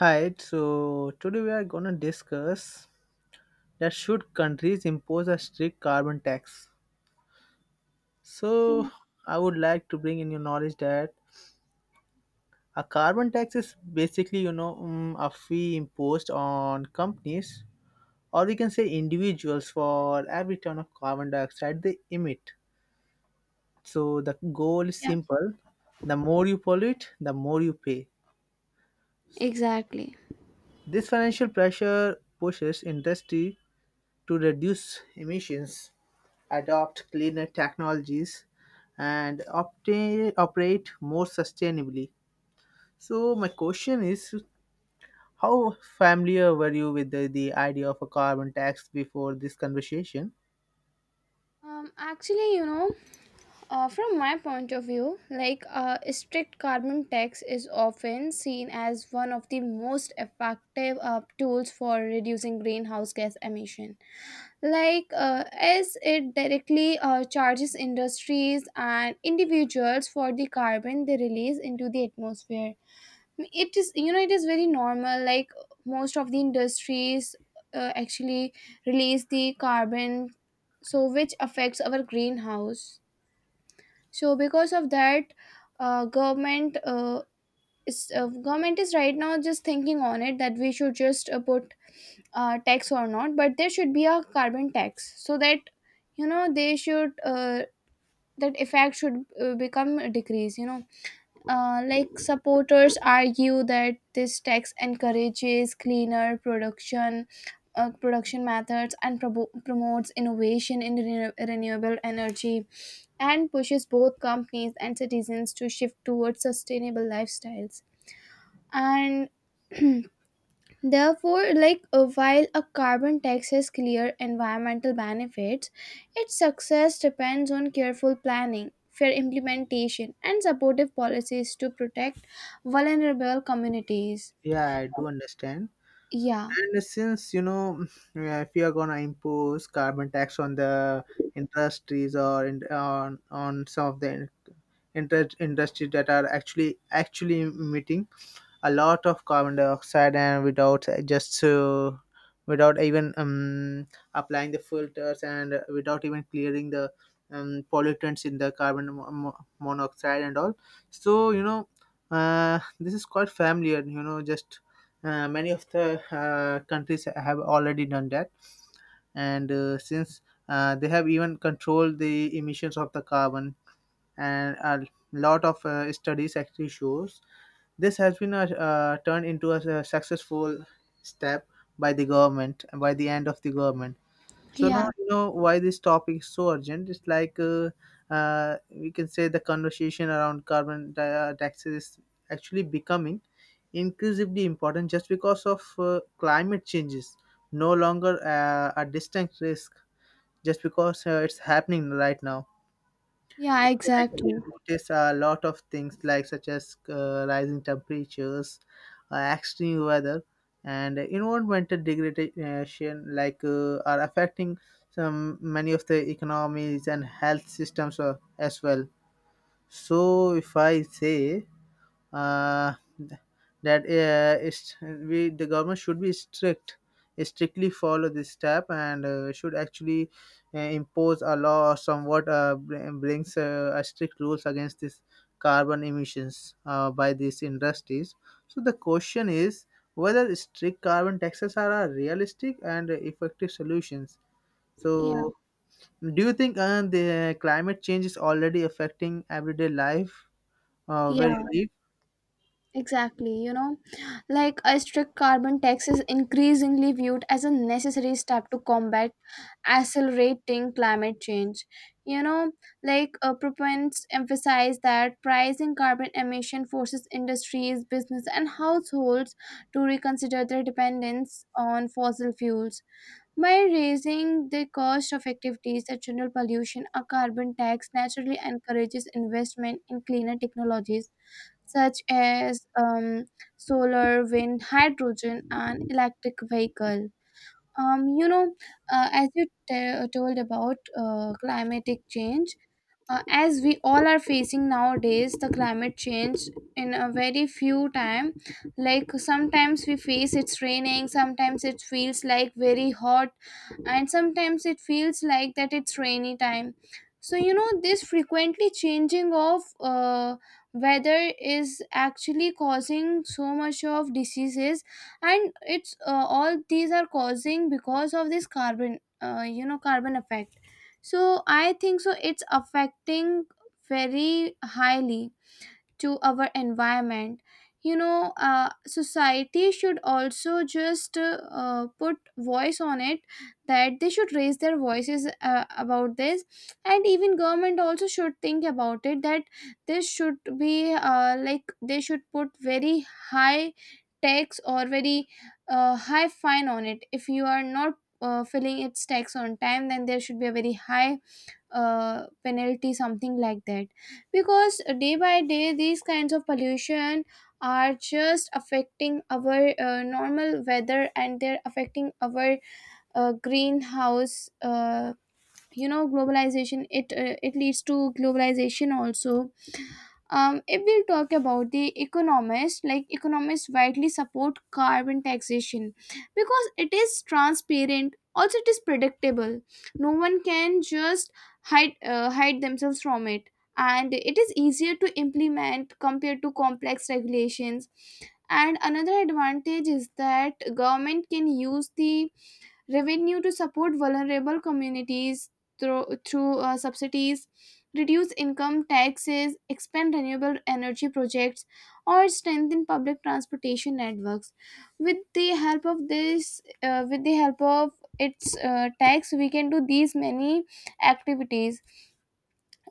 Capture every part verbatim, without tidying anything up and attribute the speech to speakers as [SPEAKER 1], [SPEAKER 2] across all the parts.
[SPEAKER 1] Hi, so today we are going to discuss that should countries impose a strict carbon tax.
[SPEAKER 2] Yeah,
[SPEAKER 1] So I would like to bring in your knowledge that a carbon tax is basically, you know, um, a fee imposed on companies or we can say individuals for every ton of carbon dioxide they emit. So the goal is
[SPEAKER 2] yeah.
[SPEAKER 1] simple. The more you pollute, the more you pay.
[SPEAKER 2] Exactly.
[SPEAKER 1] This financial pressure pushes industry to reduce emissions, adopt cleaner technologies, and opta- operate more sustainably. So, my question is how familiar were you with the, the idea of a carbon tax before this conversation?
[SPEAKER 2] Um, actually, you know, uh, from my point of view, like uh, strict carbon tax is often seen as one of the most effective uh, tools for reducing greenhouse gas emission. Like, uh, as it directly uh, charges industries and individuals for the carbon they release into the atmosphere, it is, you know, it is very normal, like most of the industries uh, actually release the carbon, so which affects our greenhouse. So because of that, uh, government uh, is uh, government is right now just thinking on it that we should just uh, put uh, tax or not, but there should be a carbon tax, so that, you know, they should, uh, that effect should uh, become a decrease, you know. Uh, like supporters argue that this tax encourages cleaner production uh, production methods and probo promotes innovation in renew- renewable energy, and pushes both companies and citizens to shift towards sustainable lifestyles and therefore, like uh, while a carbon tax has clear environmental benefits, its success depends on careful planning, fair implementation, and supportive policies to protect vulnerable communities.
[SPEAKER 1] Yeah, I do understand.
[SPEAKER 2] Yeah,
[SPEAKER 1] And since you know, uh, if you are gonna impose carbon tax on the industries or in, on on some of the interest industries that are actually actually emitting a lot of carbon dioxide and without just uh, without even um, applying the filters and without even clearing the um, pollutants in the carbon mo- mo- monoxide and all, so you know, uh, this is quite familiar, you know, just uh, many of the uh, countries have already done that, and uh, since uh, they have even controlled the emissions of the carbon, and a lot of uh, studies actually shows this has been a, uh, turned into a, a successful step by the government, by the end of the government. So now
[SPEAKER 2] yeah,
[SPEAKER 1] you know why this topic is so urgent. It's like uh, uh, we can say the conversation around carbon di- uh, taxes is actually becoming increasingly important just because of uh, climate changes. No longer uh, a distinct risk, just because uh, it's happening right now.
[SPEAKER 2] yeah,
[SPEAKER 1] I actually
[SPEAKER 2] exactly.
[SPEAKER 1] notice a lot of things like such as uh, rising temperatures, uh, extreme weather, and environmental degradation, like uh, are affecting some many of the economies and health systems uh, as well. So if I say uh, that uh, is we the government should be strict strictly follow this step and uh, should actually uh, impose a law or somewhat uh, br- brings uh, a strict rules against this carbon emissions uh, by these industries. So the question is whether strict carbon taxes are a realistic and effective solutions.
[SPEAKER 2] Yeah,
[SPEAKER 1] So do you think uh, the climate change is already affecting everyday life uh, where
[SPEAKER 2] yeah.
[SPEAKER 1] you live?
[SPEAKER 2] Exactly, you know, like a strict carbon tax is increasingly viewed as a necessary step to combat accelerating climate change. You know, like uh, proponents emphasize that pricing carbon emission forces industries, business, and households to reconsider their dependence on fossil fuels. By raising the cost of activities that generate pollution, a carbon tax naturally encourages investment in cleaner technologies such as um, solar, wind, hydrogen, and electric vehicle. Um, you know, uh, as you t- told about uh, climatic change, uh, as we all are facing nowadays, the climate change in a very few time. Like sometimes we face it's raining, sometimes it feels like very hot, and sometimes it feels like that it's rainy time. So you know, this frequently changing of uh, weather is actually causing so much of diseases, and it's, uh, all these are causing because of this carbon, uh, you know carbon effect. So I think so it's affecting very highly to our environment. You know, uh, society should also just uh, uh, put voice on it, that they should raise their voices uh, about this. And even government also should think about it, that this should be, uh, like they should put very high tax or very uh, high fine on it. If you are not uh, filling its tax on time, then there should be a very high uh, penalty, something like that, because day by day these kinds of pollution are just affecting our uh, normal weather, and they're affecting our uh, greenhouse uh, you know, globalization, it uh, it leads to globalization also. Um, if we talk about the economists, like economists widely support carbon taxation because it is transparent, also it is predictable. No one can just hide uh, hide themselves from it, and it is easier to implement compared to complex regulations. And another advantage is that government can use the revenue to support vulnerable communities through, through uh, subsidies, reduce income taxes, expand renewable energy projects, or strengthen public transportation networks. With the help of this, uh, with the help of its uh, tax, we can do these many activities.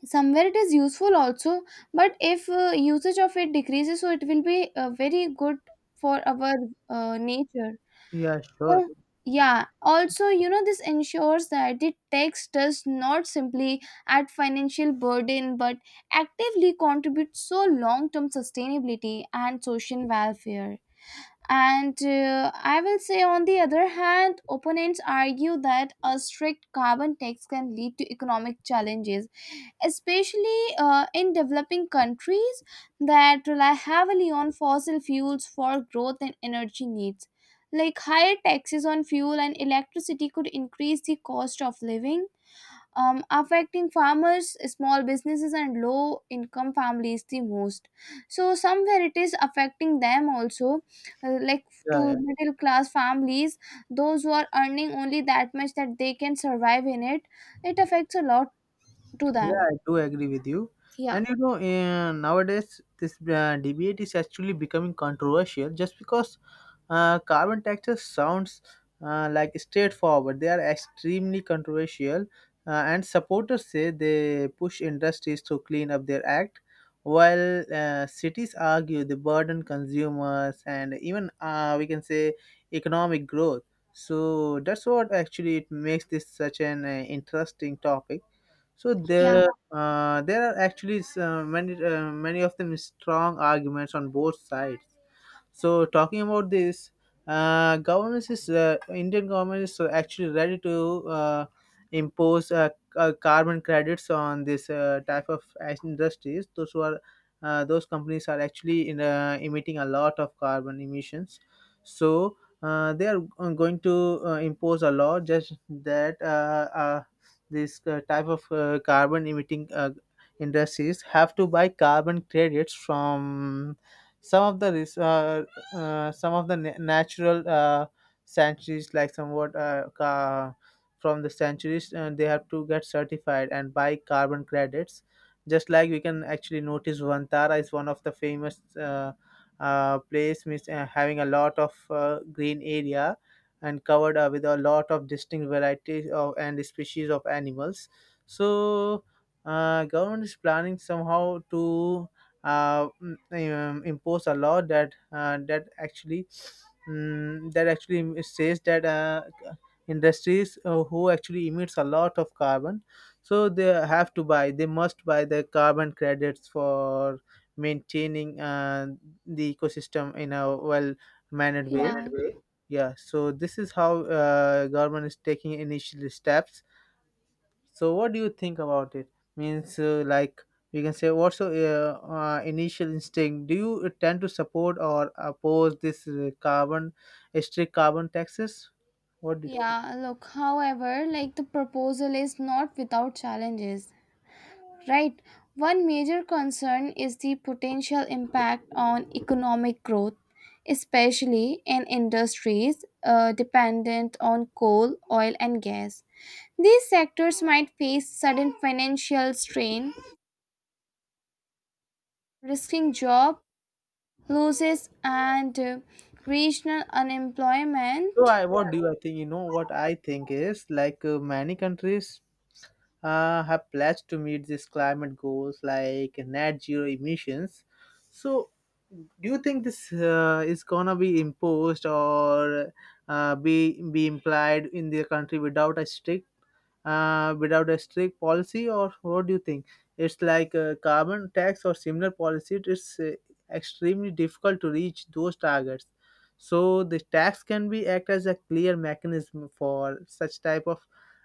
[SPEAKER 2] Somewhere it is useful also, but if uh, usage of it decreases, so it will be uh, very good for our uh, nature.
[SPEAKER 1] Yeah, sure.
[SPEAKER 2] Oh, yeah. Also, you know, this ensures that the tax does not simply add financial burden but actively contributes so long term sustainability and social welfare. And uh, I will say, on the other hand, opponents argue that a strict carbon tax can lead to economic challenges, especially uh, in developing countries that rely heavily on fossil fuels for growth and energy needs. Like higher taxes on fuel and electricity could increase the cost of living, um, affecting farmers, small businesses, and low income families the most. So, somewhere it is affecting them also, uh, like
[SPEAKER 1] Yeah,
[SPEAKER 2] to
[SPEAKER 1] yeah,
[SPEAKER 2] middle class families, those who are earning only that much that they can survive in it, it affects a lot to
[SPEAKER 1] yeah,
[SPEAKER 2] them.
[SPEAKER 1] I do agree with you.
[SPEAKER 2] Yeah.
[SPEAKER 1] And you know, uh, nowadays this uh, debate is actually becoming controversial, just because uh, carbon taxes sounds uh, like straightforward. They are extremely controversial, uh, and supporters say they push industries to clean up their act, while uh, cities argue they burden consumers and even uh, we can say economic growth. So that's what actually it makes this such an uh, interesting topic. So
[SPEAKER 2] Yeah,
[SPEAKER 1] there, uh, there are actually s- uh, many, uh, many of them strong arguments on both sides. So talking about this, uh, government is uh, Indian government is uh, actually ready to uh, impose uh, c- uh, carbon credits on this uh, type of as- industries. Those who are uh, those companies are actually in, uh, emitting a lot of carbon emissions. So uh, they are uh, going to uh, impose a law just that uh, uh, this uh, type of uh, carbon emitting uh, industries have to buy carbon credits from some of the res- uh, uh, some of the na- natural uh, sanctuaries, like somewhat uh, ca- from the sanctuaries, and they have to get certified and buy carbon credits. Just like we can actually notice, Vantara is one of the famous uh, uh, place, means uh, having a lot of uh, green area and covered uh, with a lot of distinct varieties of and species of animals. So uh, government is planning somehow to uh, mm, um, impose a law that uh, that actually mm, that actually says that uh, industries uh, who actually emits a lot of carbon, so they have to buy they must buy the carbon credits for maintaining uh, the ecosystem in a well mannered
[SPEAKER 2] yeah.
[SPEAKER 1] way.
[SPEAKER 2] Right way.
[SPEAKER 1] Yeah, so this is how uh, government is taking initial steps. So what do you think about it? Means uh, like we can say, what's your uh, uh, initial instinct? Do you tend to support or oppose this uh, carbon, strict carbon taxes? What do you say?
[SPEAKER 2] Yeah, look, however, like the proposal is not without challenges, right? One major concern is the potential impact on economic growth, especially in industries uh, dependent on coal, oil, and gas. These sectors might face sudden financial strain, risking job losses and uh, regional
[SPEAKER 1] So
[SPEAKER 2] unemployment.
[SPEAKER 1] I what do you I think? You know what I think is like uh, many countries uh, have pledged to meet these climate goals like net zero emissions. So do you think this uh, is gonna be imposed or uh, be be implied in their country without a strict uh, without a strict policy, or what do you think? It's like a carbon tax or similar policy. It's uh, extremely difficult to reach those targets, so the tax can be act as a clear mechanism for such type of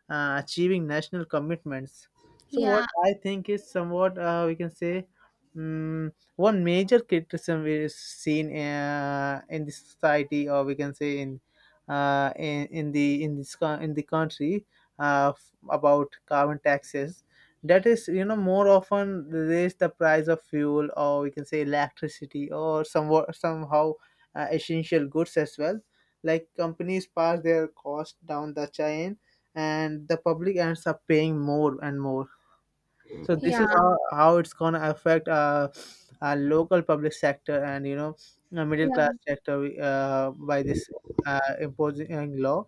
[SPEAKER 1] uh, achieving national commitments. So what
[SPEAKER 2] Yeah,
[SPEAKER 1] I think is somewhat uh, we can say, um, one major criticism is seen uh, in the society, or we can say in uh, in, in the in this co- in the country uh, f- about carbon taxes, that is, you know, more often raise the price of fuel, or we can say electricity, or somewhat somehow uh, essential goods as well. Like companies pass their cost down the chain, and the public ends up paying more and more. So this
[SPEAKER 2] yeah,
[SPEAKER 1] is how how it's going to affect uh, our local public sector, and you know, uh, middle
[SPEAKER 2] yeah,
[SPEAKER 1] class sector uh, by this uh, imposing law.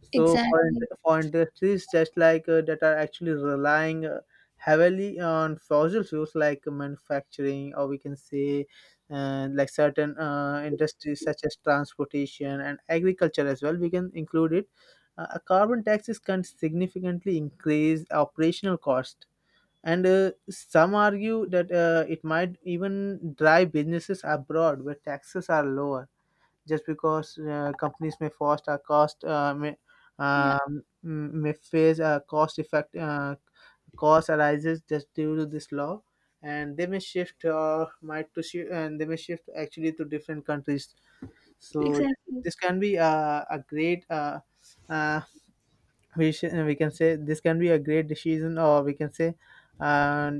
[SPEAKER 1] So for,
[SPEAKER 2] exactly.
[SPEAKER 1] in- for industries, just like uh, that are actually relying uh, heavily on fossil fuels like manufacturing, or we can say uh, like certain uh, industries such as transportation and agriculture as well, we can include it. Uh, a carbon tax is can significantly increase operational cost, and uh, some argue that uh, it might even drive businesses abroad where taxes are lower, just because uh, companies may foster a cost uh, may, um, may face a cost effect, uh, cost arises just due to this law, and they may shift or might to shift and they may shift actually to different countries. So
[SPEAKER 2] Exactly.
[SPEAKER 1] this can be a, a great uh, uh, we sh- we can say this can be a great decision, or we can say uh,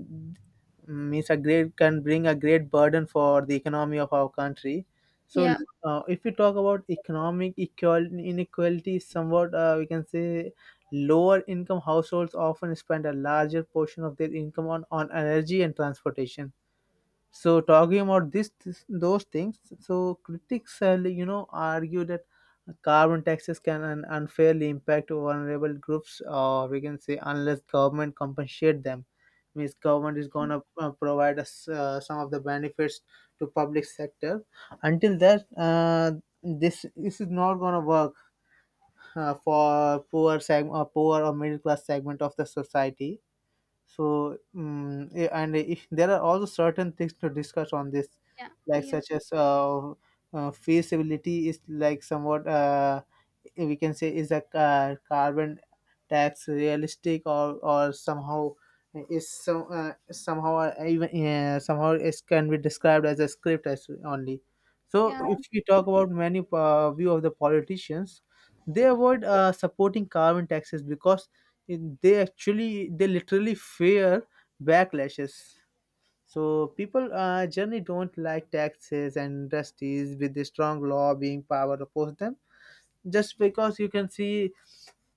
[SPEAKER 1] means a great can bring a great burden for the economy of our country. So
[SPEAKER 2] Yeah.
[SPEAKER 1] uh, if we talk about economic equal inequality, is somewhat uh, we can say, lower income households often spend a larger portion of their income on, on energy and transportation. So talking about this, this those things, so critics, uh, you know, argue that carbon taxes can un- unfairly impact vulnerable groups, or we can say unless government compensate them. Means government is gonna uh, provide us uh, some of the benefits to public sector. Until that, uh, this this is not gonna work uh, for poor seg- or poor or middle class segment of the society. So, mm, eh, and if there are also certain things to discuss on this,
[SPEAKER 2] Yeah,
[SPEAKER 1] like
[SPEAKER 2] yeah,
[SPEAKER 1] such as uh, uh, feasibility is, like, somewhat uh, we can say, is a ca- carbon tax realistic, or or somehow is some uh, somehow uh, even uh, somehow it can be described as a script as only. So,
[SPEAKER 2] yeah.
[SPEAKER 1] if we talk about many uh, view of the politicians, they avoid uh, supporting carbon taxes, because it- they actually they literally fear backlashes. So people uh, generally don't like taxes, and industries with the strong law being power oppose them. Just because you can see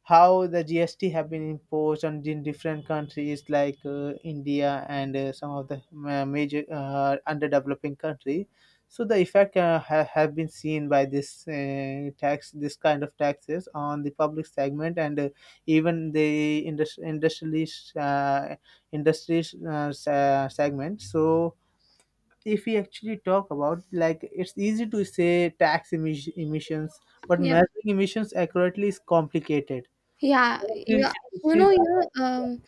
[SPEAKER 1] how the G S T have been imposed on in different countries like uh, India and uh, some of the ma- major uh, underdeveloping country. So the effect uh, ha- have been seen by this uh, tax, this kind of taxes on the public segment, and uh, even the industri- industrialist uh, industries uh, se- segment. So if we actually talk about, like, it's easy to say tax emis- emissions, but
[SPEAKER 2] Yeah.
[SPEAKER 1] measuring emissions accurately is complicated.
[SPEAKER 2] Yeah.
[SPEAKER 1] So it
[SPEAKER 2] Yeah.
[SPEAKER 1] is-
[SPEAKER 2] You
[SPEAKER 1] it is-
[SPEAKER 2] know, you know, um,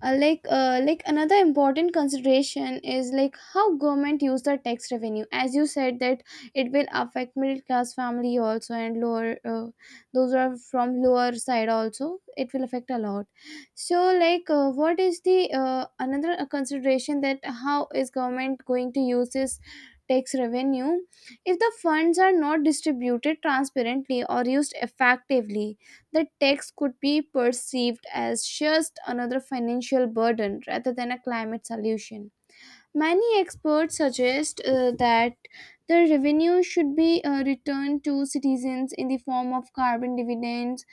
[SPEAKER 2] uh, like uh, like another important consideration is, like, how government use the tax revenue, as you said that it will affect middle class family also, and lower uh, those who are from lower side also, it will affect a lot. So like uh, what is the uh, another uh, consideration, that how is government going to use this tax revenue? If the funds are not distributed transparently or used effectively, the tax could be perceived as just another financial burden rather than a climate solution. Many experts suggest uh, that the revenue should be uh, returned to citizens in the form of carbon dividends,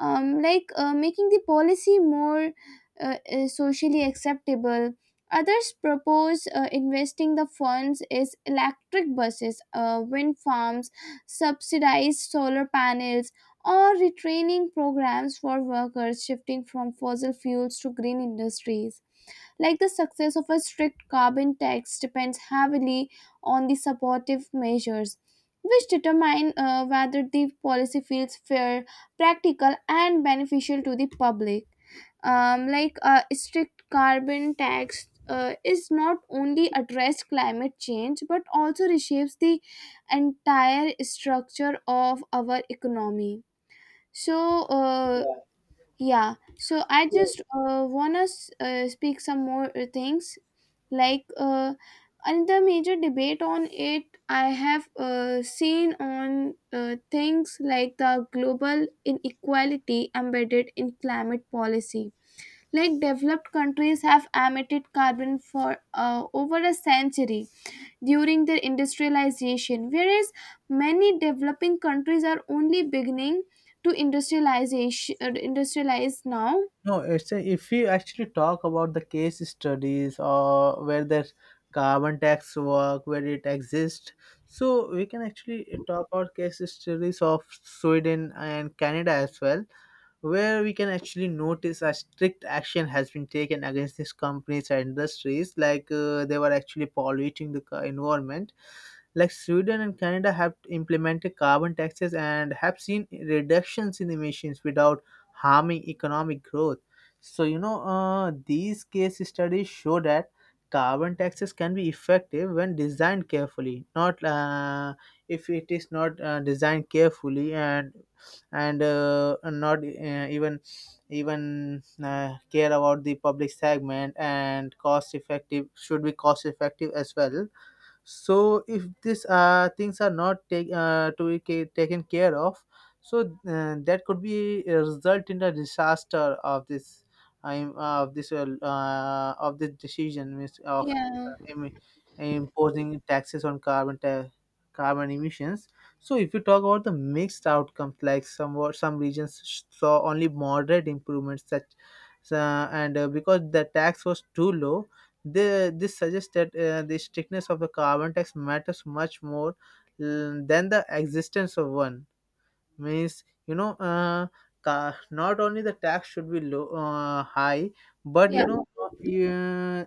[SPEAKER 2] um, like uh, making the policy more uh, uh, socially acceptable. Others propose uh, investing the funds is electric buses, uh, wind farms, subsidized solar panels, or retraining programs for workers shifting from fossil fuels to green industries. Like the success of a strict carbon tax depends heavily on the supportive measures, which determine uh, whether the policy feels fair, practical, and beneficial to the public. Um, like a strict carbon tax uh, is not only address climate change but also reshapes the entire structure of our economy. So uh,
[SPEAKER 1] yeah.
[SPEAKER 2] yeah, so I
[SPEAKER 1] So,
[SPEAKER 2] just uh, wanna s- uh, speak some more uh, things, like uh, another major debate on it I have uh, seen on uh, things like the global inequality embedded in climate policy. Like developed countries have emitted carbon for uh, over a century during their industrialization, whereas many developing countries are only beginning to industrialization uh, industrialize now.
[SPEAKER 1] no it's a, if we actually talk about the case studies, or where the carbon tax work, where it exists, so we can actually talk about case studies of Sweden and Canada as well, where we can actually notice a strict action has been taken against these companies and industries, like uh, they were actually polluting the co- environment. Like Sweden and Canada have implemented carbon taxes and have seen reductions in emissions without harming economic growth. So, you know, uh, these case studies show that carbon taxes can be effective when designed carefully, not uh, if it is not uh, designed carefully and and uh, not uh, even even uh, care about the public segment and cost effective should be cost effective as well. So if these uh, things are not take, uh, to be ca- taken care of, so uh, that could be a result in the disaster of this. I'm of this uh, uh, of this decision, means of
[SPEAKER 2] Yeah,
[SPEAKER 1] uh, em- imposing taxes on carbon ta- carbon emissions. So if you talk about the mixed outcomes, like some wa- some regions saw only moderate improvements such, uh, and uh, because the tax was too low. The, this suggests that uh, the strictness of the carbon tax matters much more mm, than the existence of one. Means you know uh, ca- not only the tax should be low uh, high, but
[SPEAKER 2] yeah,
[SPEAKER 1] you know uh, yeah,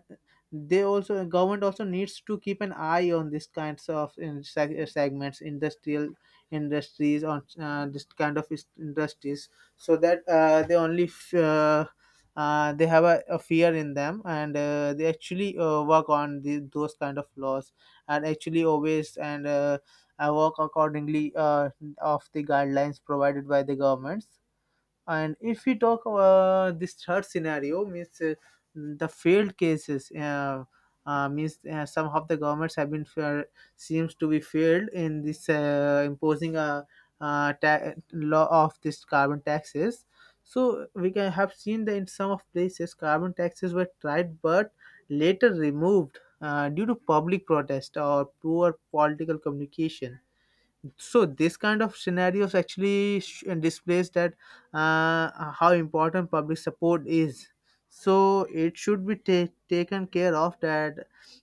[SPEAKER 1] they also, government also, needs to keep an eye on this kinds of in seg- uh, segments, industrial industries, on uh, this kind of is- industries, so that uh, they only f- uh, uh, they have a, a fear in them, and uh, they actually uh, work on the, those kind of laws, and actually always, and uh, uh, work accordingly uh, of the guidelines provided by the governments. And if we talk uh, this third scenario, means uh, the failed cases, uh, uh, means uh, some of the governments have been fair, seems to be failed in this uh, imposing a, uh ta- law of this carbon taxes. So we can have seen that in some of places carbon taxes were tried but later removed uh, due to public protest or poor political communication. So this kind of scenarios actually sh- displays that uh, how important public support is. So it should be ta- taken care of, that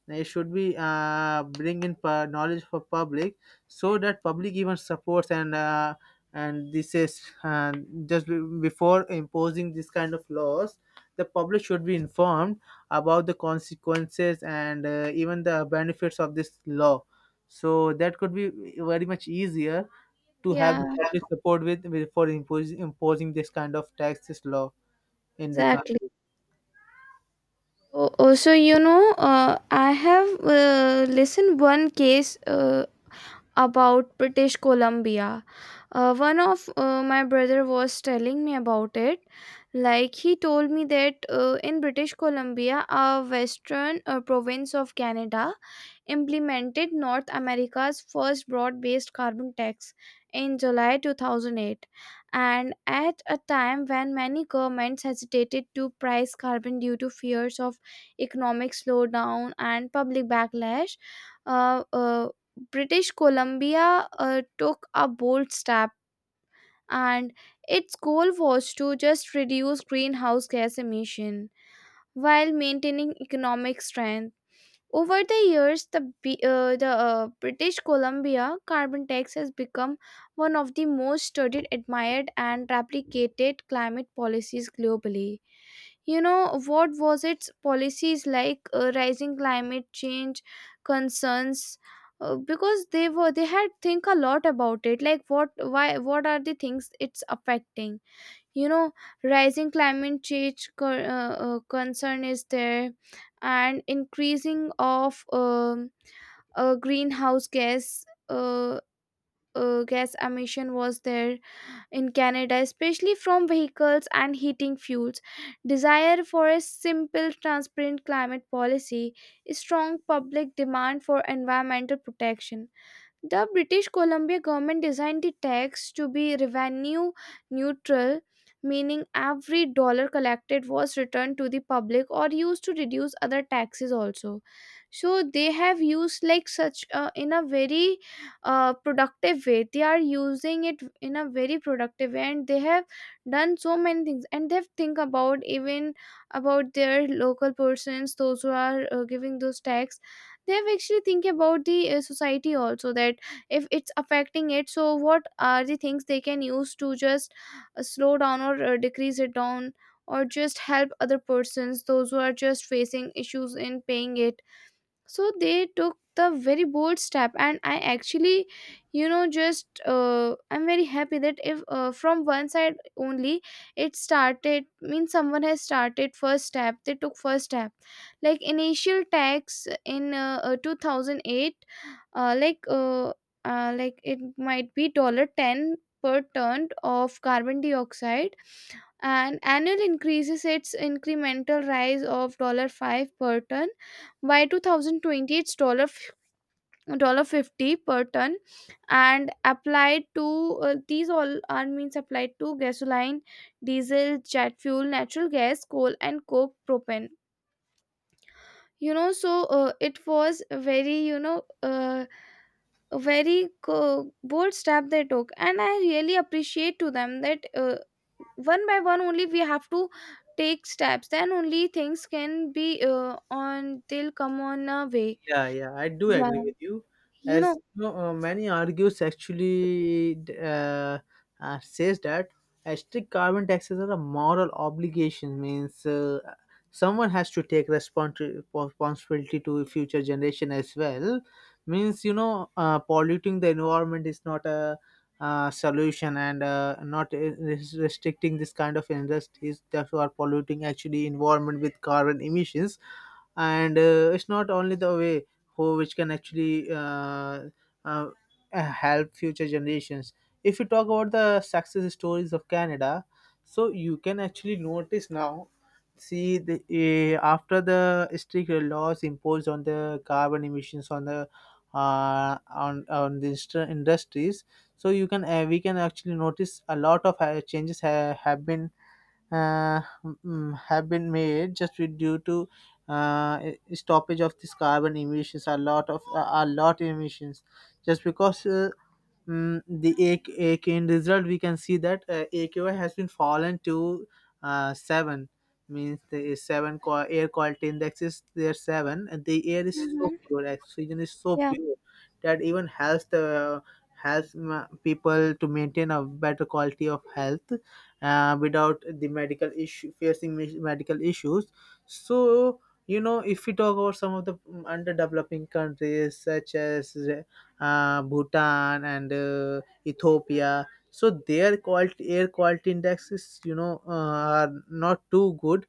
[SPEAKER 1] it should be uh, bring in pu- knowledge for public, so that public even supports, and uh, and this is uh, just be- before imposing this kind of laws, the public should be informed about the consequences and uh, even the benefits of this law. So that could be very much easier to have
[SPEAKER 2] yeah,
[SPEAKER 1] the public support with, with for imposing imposing this kind of taxes law in the
[SPEAKER 2] exactly.
[SPEAKER 1] country.
[SPEAKER 2] Oh, oh, so you know, uh, I have uh, listened one case. Uh, about British Columbia. Uh, one of uh, my brother was telling me about it. Like he told me that uh, in British Columbia, a western uh, province of Canada, implemented North America's first broad-based carbon tax in July two thousand eight, and at a time when many governments hesitated to price carbon due to fears of economic slowdown and public backlash, uh, uh, British Columbia uh, took a bold step. And its goal was to just reduce greenhouse gas emission while maintaining economic strength. Over the years, the, B- uh, the uh, British Columbia carbon tax has become one of the most studied, admired, and replicated climate policies globally. You know what was its policies, like uh, rising climate change concerns. Uh, because they were, they had think a lot about it, like what, why, what are the things it's affecting, you know. Rising climate change co- uh, uh, concern is there, and increasing of um, uh, greenhouse gas uh, uh, gas emission was there in Canada, especially from vehicles and heating fuels. Desire for a simple, transparent climate policy, strong public demand for environmental protection, the British Columbia government designed the tax to be revenue neutral, meaning every dollar collected was returned to the public or used to reduce other taxes also. So they have used like such, uh, in a very uh, productive way. They are using it in a very productive way, and they have done so many things. And they have think about even about their local persons, those who are uh, giving those tax. They have actually think about the uh, society also, that if it's affecting it, so what are the things they can use to just uh, slow down or uh, decrease it down, or just help other persons, those who are just facing issues in paying it. So they took the very bold step, and I actually, you know, just uh, I'm very happy that if uh, from one side only it started. Means someone has started first step, they took first step, like initial tax in uh, uh, two thousand eight, uh, like uh, uh, like it might be dollar ten per ton of carbon dioxide, and annual increases, its incremental rise of five per ton. By two thousand twenty, it's dollar dollar fifty per ton, and applied to, uh, these all are, means applied to gasoline, diesel, jet fuel, natural gas, coal and coke, propane. You know, so uh, it was a very, you know, uh, a very co- bold step they took, and I really appreciate to them that uh, one by one only we have to take steps, then only things can be, uh, on they'll come on a way.
[SPEAKER 1] Yeah, yeah, I do agree
[SPEAKER 2] Yeah,
[SPEAKER 1] with you.
[SPEAKER 2] you know.
[SPEAKER 1] As you know, uh, many argues actually d- uh, uh, says that uh, strict carbon taxes are a moral obligation. Means uh, someone has to take respons- responsibility to future generation as well. Means you know, uh, polluting the environment is not a uh, solution, and uh, not uh, res- restricting this kind of industries that are polluting actually environment with carbon emissions. And uh, it's not only the way who which can actually uh, uh, help future generations. If you talk about the success stories of Canada, so you can actually notice now, see the uh, after the strict laws imposed on the carbon emissions, on the uh, on on the industri- industries, so you can uh, we can actually notice a lot of uh, changes ha- have been uh, mm, have been made just with- due to uh, stoppage of this carbon emissions, a lot of a lot emissions, just because uh, mm, the A K, A K in result we can see that uh, A Q I has been fallen to uh, seven. Means the seven qua- air quality index is there seven, and the air is so
[SPEAKER 2] Mhm.
[SPEAKER 1] pure, oxygen is so
[SPEAKER 2] Yeah,
[SPEAKER 1] pure, that even helps the helps ma- people to maintain a better quality of health uh, without the medical issue facing me- medical issues. So, you know, if we talk about some of the mm, underdeveloping countries such as uh, Bhutan and uh, Ethiopia. So their quality air quality indexes, you know, uh, are not too good,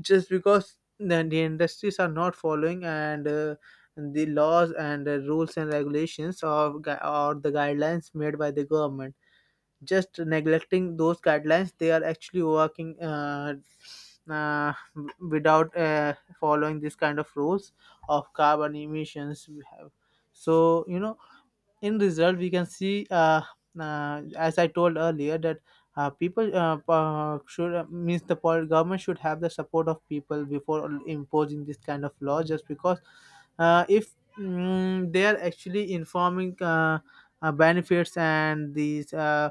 [SPEAKER 1] just because the, the industries are not following, and uh, the laws and uh, rules and regulations of gui- or the guidelines made by the government. Just neglecting those guidelines, they are actually working uh, uh, without uh, following this kind of rules of carbon emissions. We have, so you know, in result we can see uh, uh, as I told earlier that uh, people uh, uh, should uh, means the pol- government should have the support of people before imposing this kind of law, just because uh, if mm, they are actually informing uh, uh, benefits and these uh,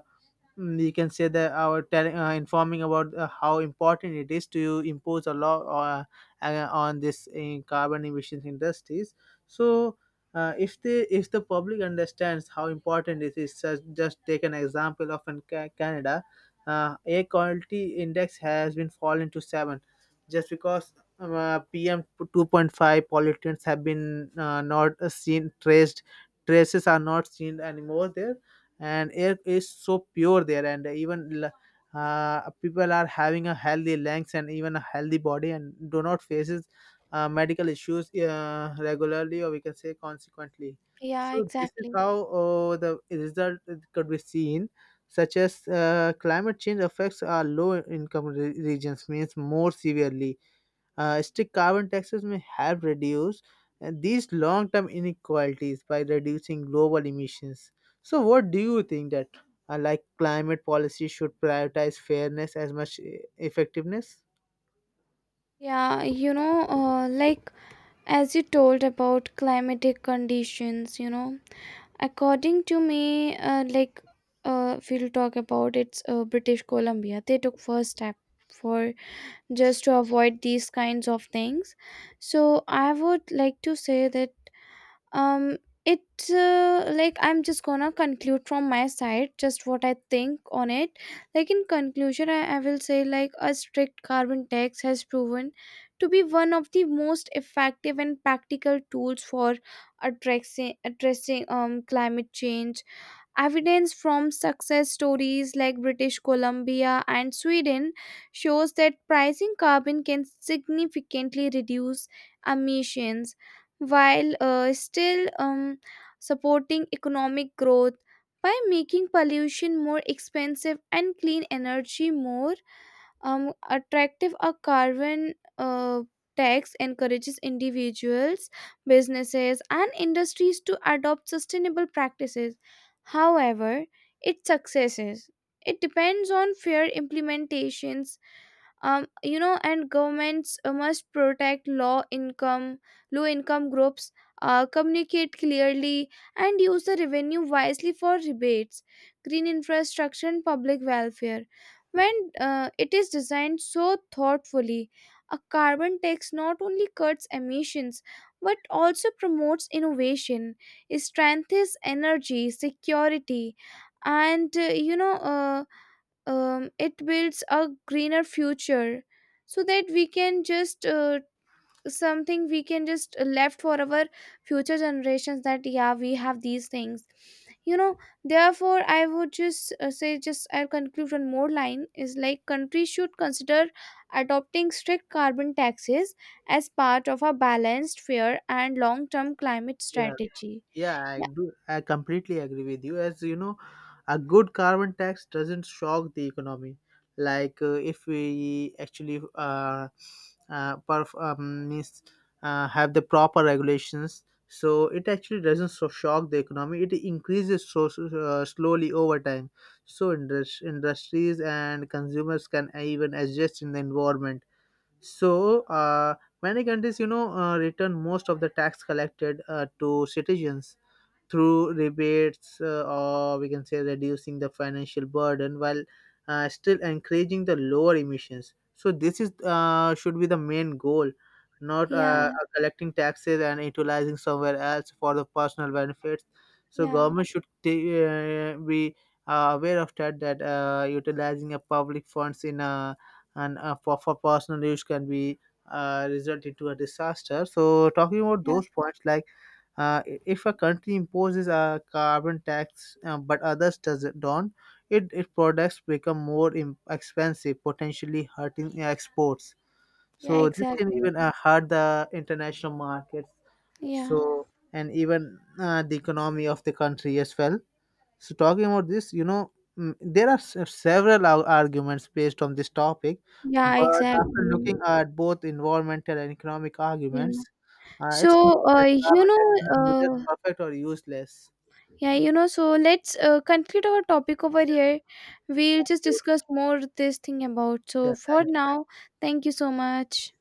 [SPEAKER 1] mm, you can say that our telling uh, informing about uh, how important it is to impose a law, uh, uh, on this in carbon emissions industries. So uh, if the if the public understands how important it is such, just take an example of in Ca- canada, uh, air quality index has been fallen to seven just because um, uh, pm two point five pollutants have been uh, not uh, seen traced, traces are not seen anymore there, and air is so pure there, and even l- uh, people are having a healthy lungs and even a healthy body and do not faces uh, medical issues uh, regularly, or we can say consequently.
[SPEAKER 2] yeah,
[SPEAKER 1] So this is
[SPEAKER 2] exactly.
[SPEAKER 1] how uh, the result could be seen, such as uh, climate change affects our low income re- regions, means more severely. Uh, strict carbon taxes may help reduce uh, these long-term inequalities by reducing global emissions. So, what do you think that, uh, like climate policy, should prioritize fairness as much uh, effectiveness?
[SPEAKER 2] Yeah, you know, uh, like as you told about climatic conditions, you know. According to me, uh, like uh, if we'll talk about it's uh, British Columbia, they took first step for just to avoid these kinds of things. So I would like to say that, um it, uh, like I'm just gonna conclude from my side just what I think on it. Like in conclusion, I, I will say, like a strict carbon tax has proven to be one of the most effective and practical tools for addressing addressing um climate change. Evidence from success stories like British Columbia and Sweden shows that pricing carbon can significantly reduce emissions while uh, still um, supporting economic growth. By making pollution more expensive and clean energy more um, attractive, a carbon uh, tax encourages individuals, businesses, and industries to adopt sustainable practices. However, its successes, it depends on fair implementations. Um, you know, and governments uh, must protect low income low income groups, uh, communicate clearly, and use the revenue wisely for rebates, green infrastructure and public welfare. When uh, it is designed so thoughtfully, a carbon tax not only cuts emissions but also promotes innovation, strengthens energy security, and uh, you know uh, um, it builds a greener future, so that we can just uh, something, we can just left for our future generations, that yeah, we have these things, you know. Therefore I would just uh, say, just I'll conclude one more line, is like countries should consider adopting strict carbon taxes as part of a balanced, fair and long-term climate
[SPEAKER 1] Yeah.
[SPEAKER 2] strategy.
[SPEAKER 1] Yeah, I
[SPEAKER 2] Yeah,
[SPEAKER 1] do. I completely agree with you. As you know, a good carbon tax doesn't shock the economy. Like uh, if we actually uh, uh, perf- um, means, uh, have the proper regulations, so it actually doesn't so shock the economy. It increases so so- uh, slowly over time. So indus- industries and consumers can even adjust in the environment. So uh, many countries, you know, uh, return most of the tax collected uh, to citizens through rebates, uh, or we can say reducing the financial burden, while uh, still encouraging the lower emissions. So this is, uh, should be the main goal, not uh,
[SPEAKER 2] yeah,
[SPEAKER 1] collecting taxes and utilizing somewhere else for the personal benefits. So
[SPEAKER 2] yeah,
[SPEAKER 1] government should ta- uh, be uh, aware of that, that uh, utilizing a public funds in a, and uh, for, for personal use can be uh, result into a disaster. So talking about
[SPEAKER 2] yeah,
[SPEAKER 1] those points, like uh, i- if a country imposes a carbon tax uh, but others does don't, it, its products become more im- expensive, potentially hurting exports.
[SPEAKER 2] yeah,
[SPEAKER 1] So this can
[SPEAKER 2] exactly.
[SPEAKER 1] even uh, hurt the international markets.
[SPEAKER 2] Yeah,
[SPEAKER 1] So and even uh, the economy of the country as well. So talking about this, you know, mm, there are se- several ar- arguments based on this topic,
[SPEAKER 2] yeah,
[SPEAKER 1] but after looking
[SPEAKER 2] exactly.
[SPEAKER 1] at both environmental and economic
[SPEAKER 2] Yeah.
[SPEAKER 1] arguments, uh, it's clear
[SPEAKER 2] So, uh,
[SPEAKER 1] that
[SPEAKER 2] you
[SPEAKER 1] carbon
[SPEAKER 2] know,
[SPEAKER 1] taxes are neither
[SPEAKER 2] uh,
[SPEAKER 1] perfect or useless.
[SPEAKER 2] yeah, you know, so let's uh, conclude our topic over here. We'll just
[SPEAKER 1] You-
[SPEAKER 2] discuss more this thing about. So,
[SPEAKER 1] Yeah,
[SPEAKER 2] for
[SPEAKER 1] thank you.
[SPEAKER 2] now, thank you so much.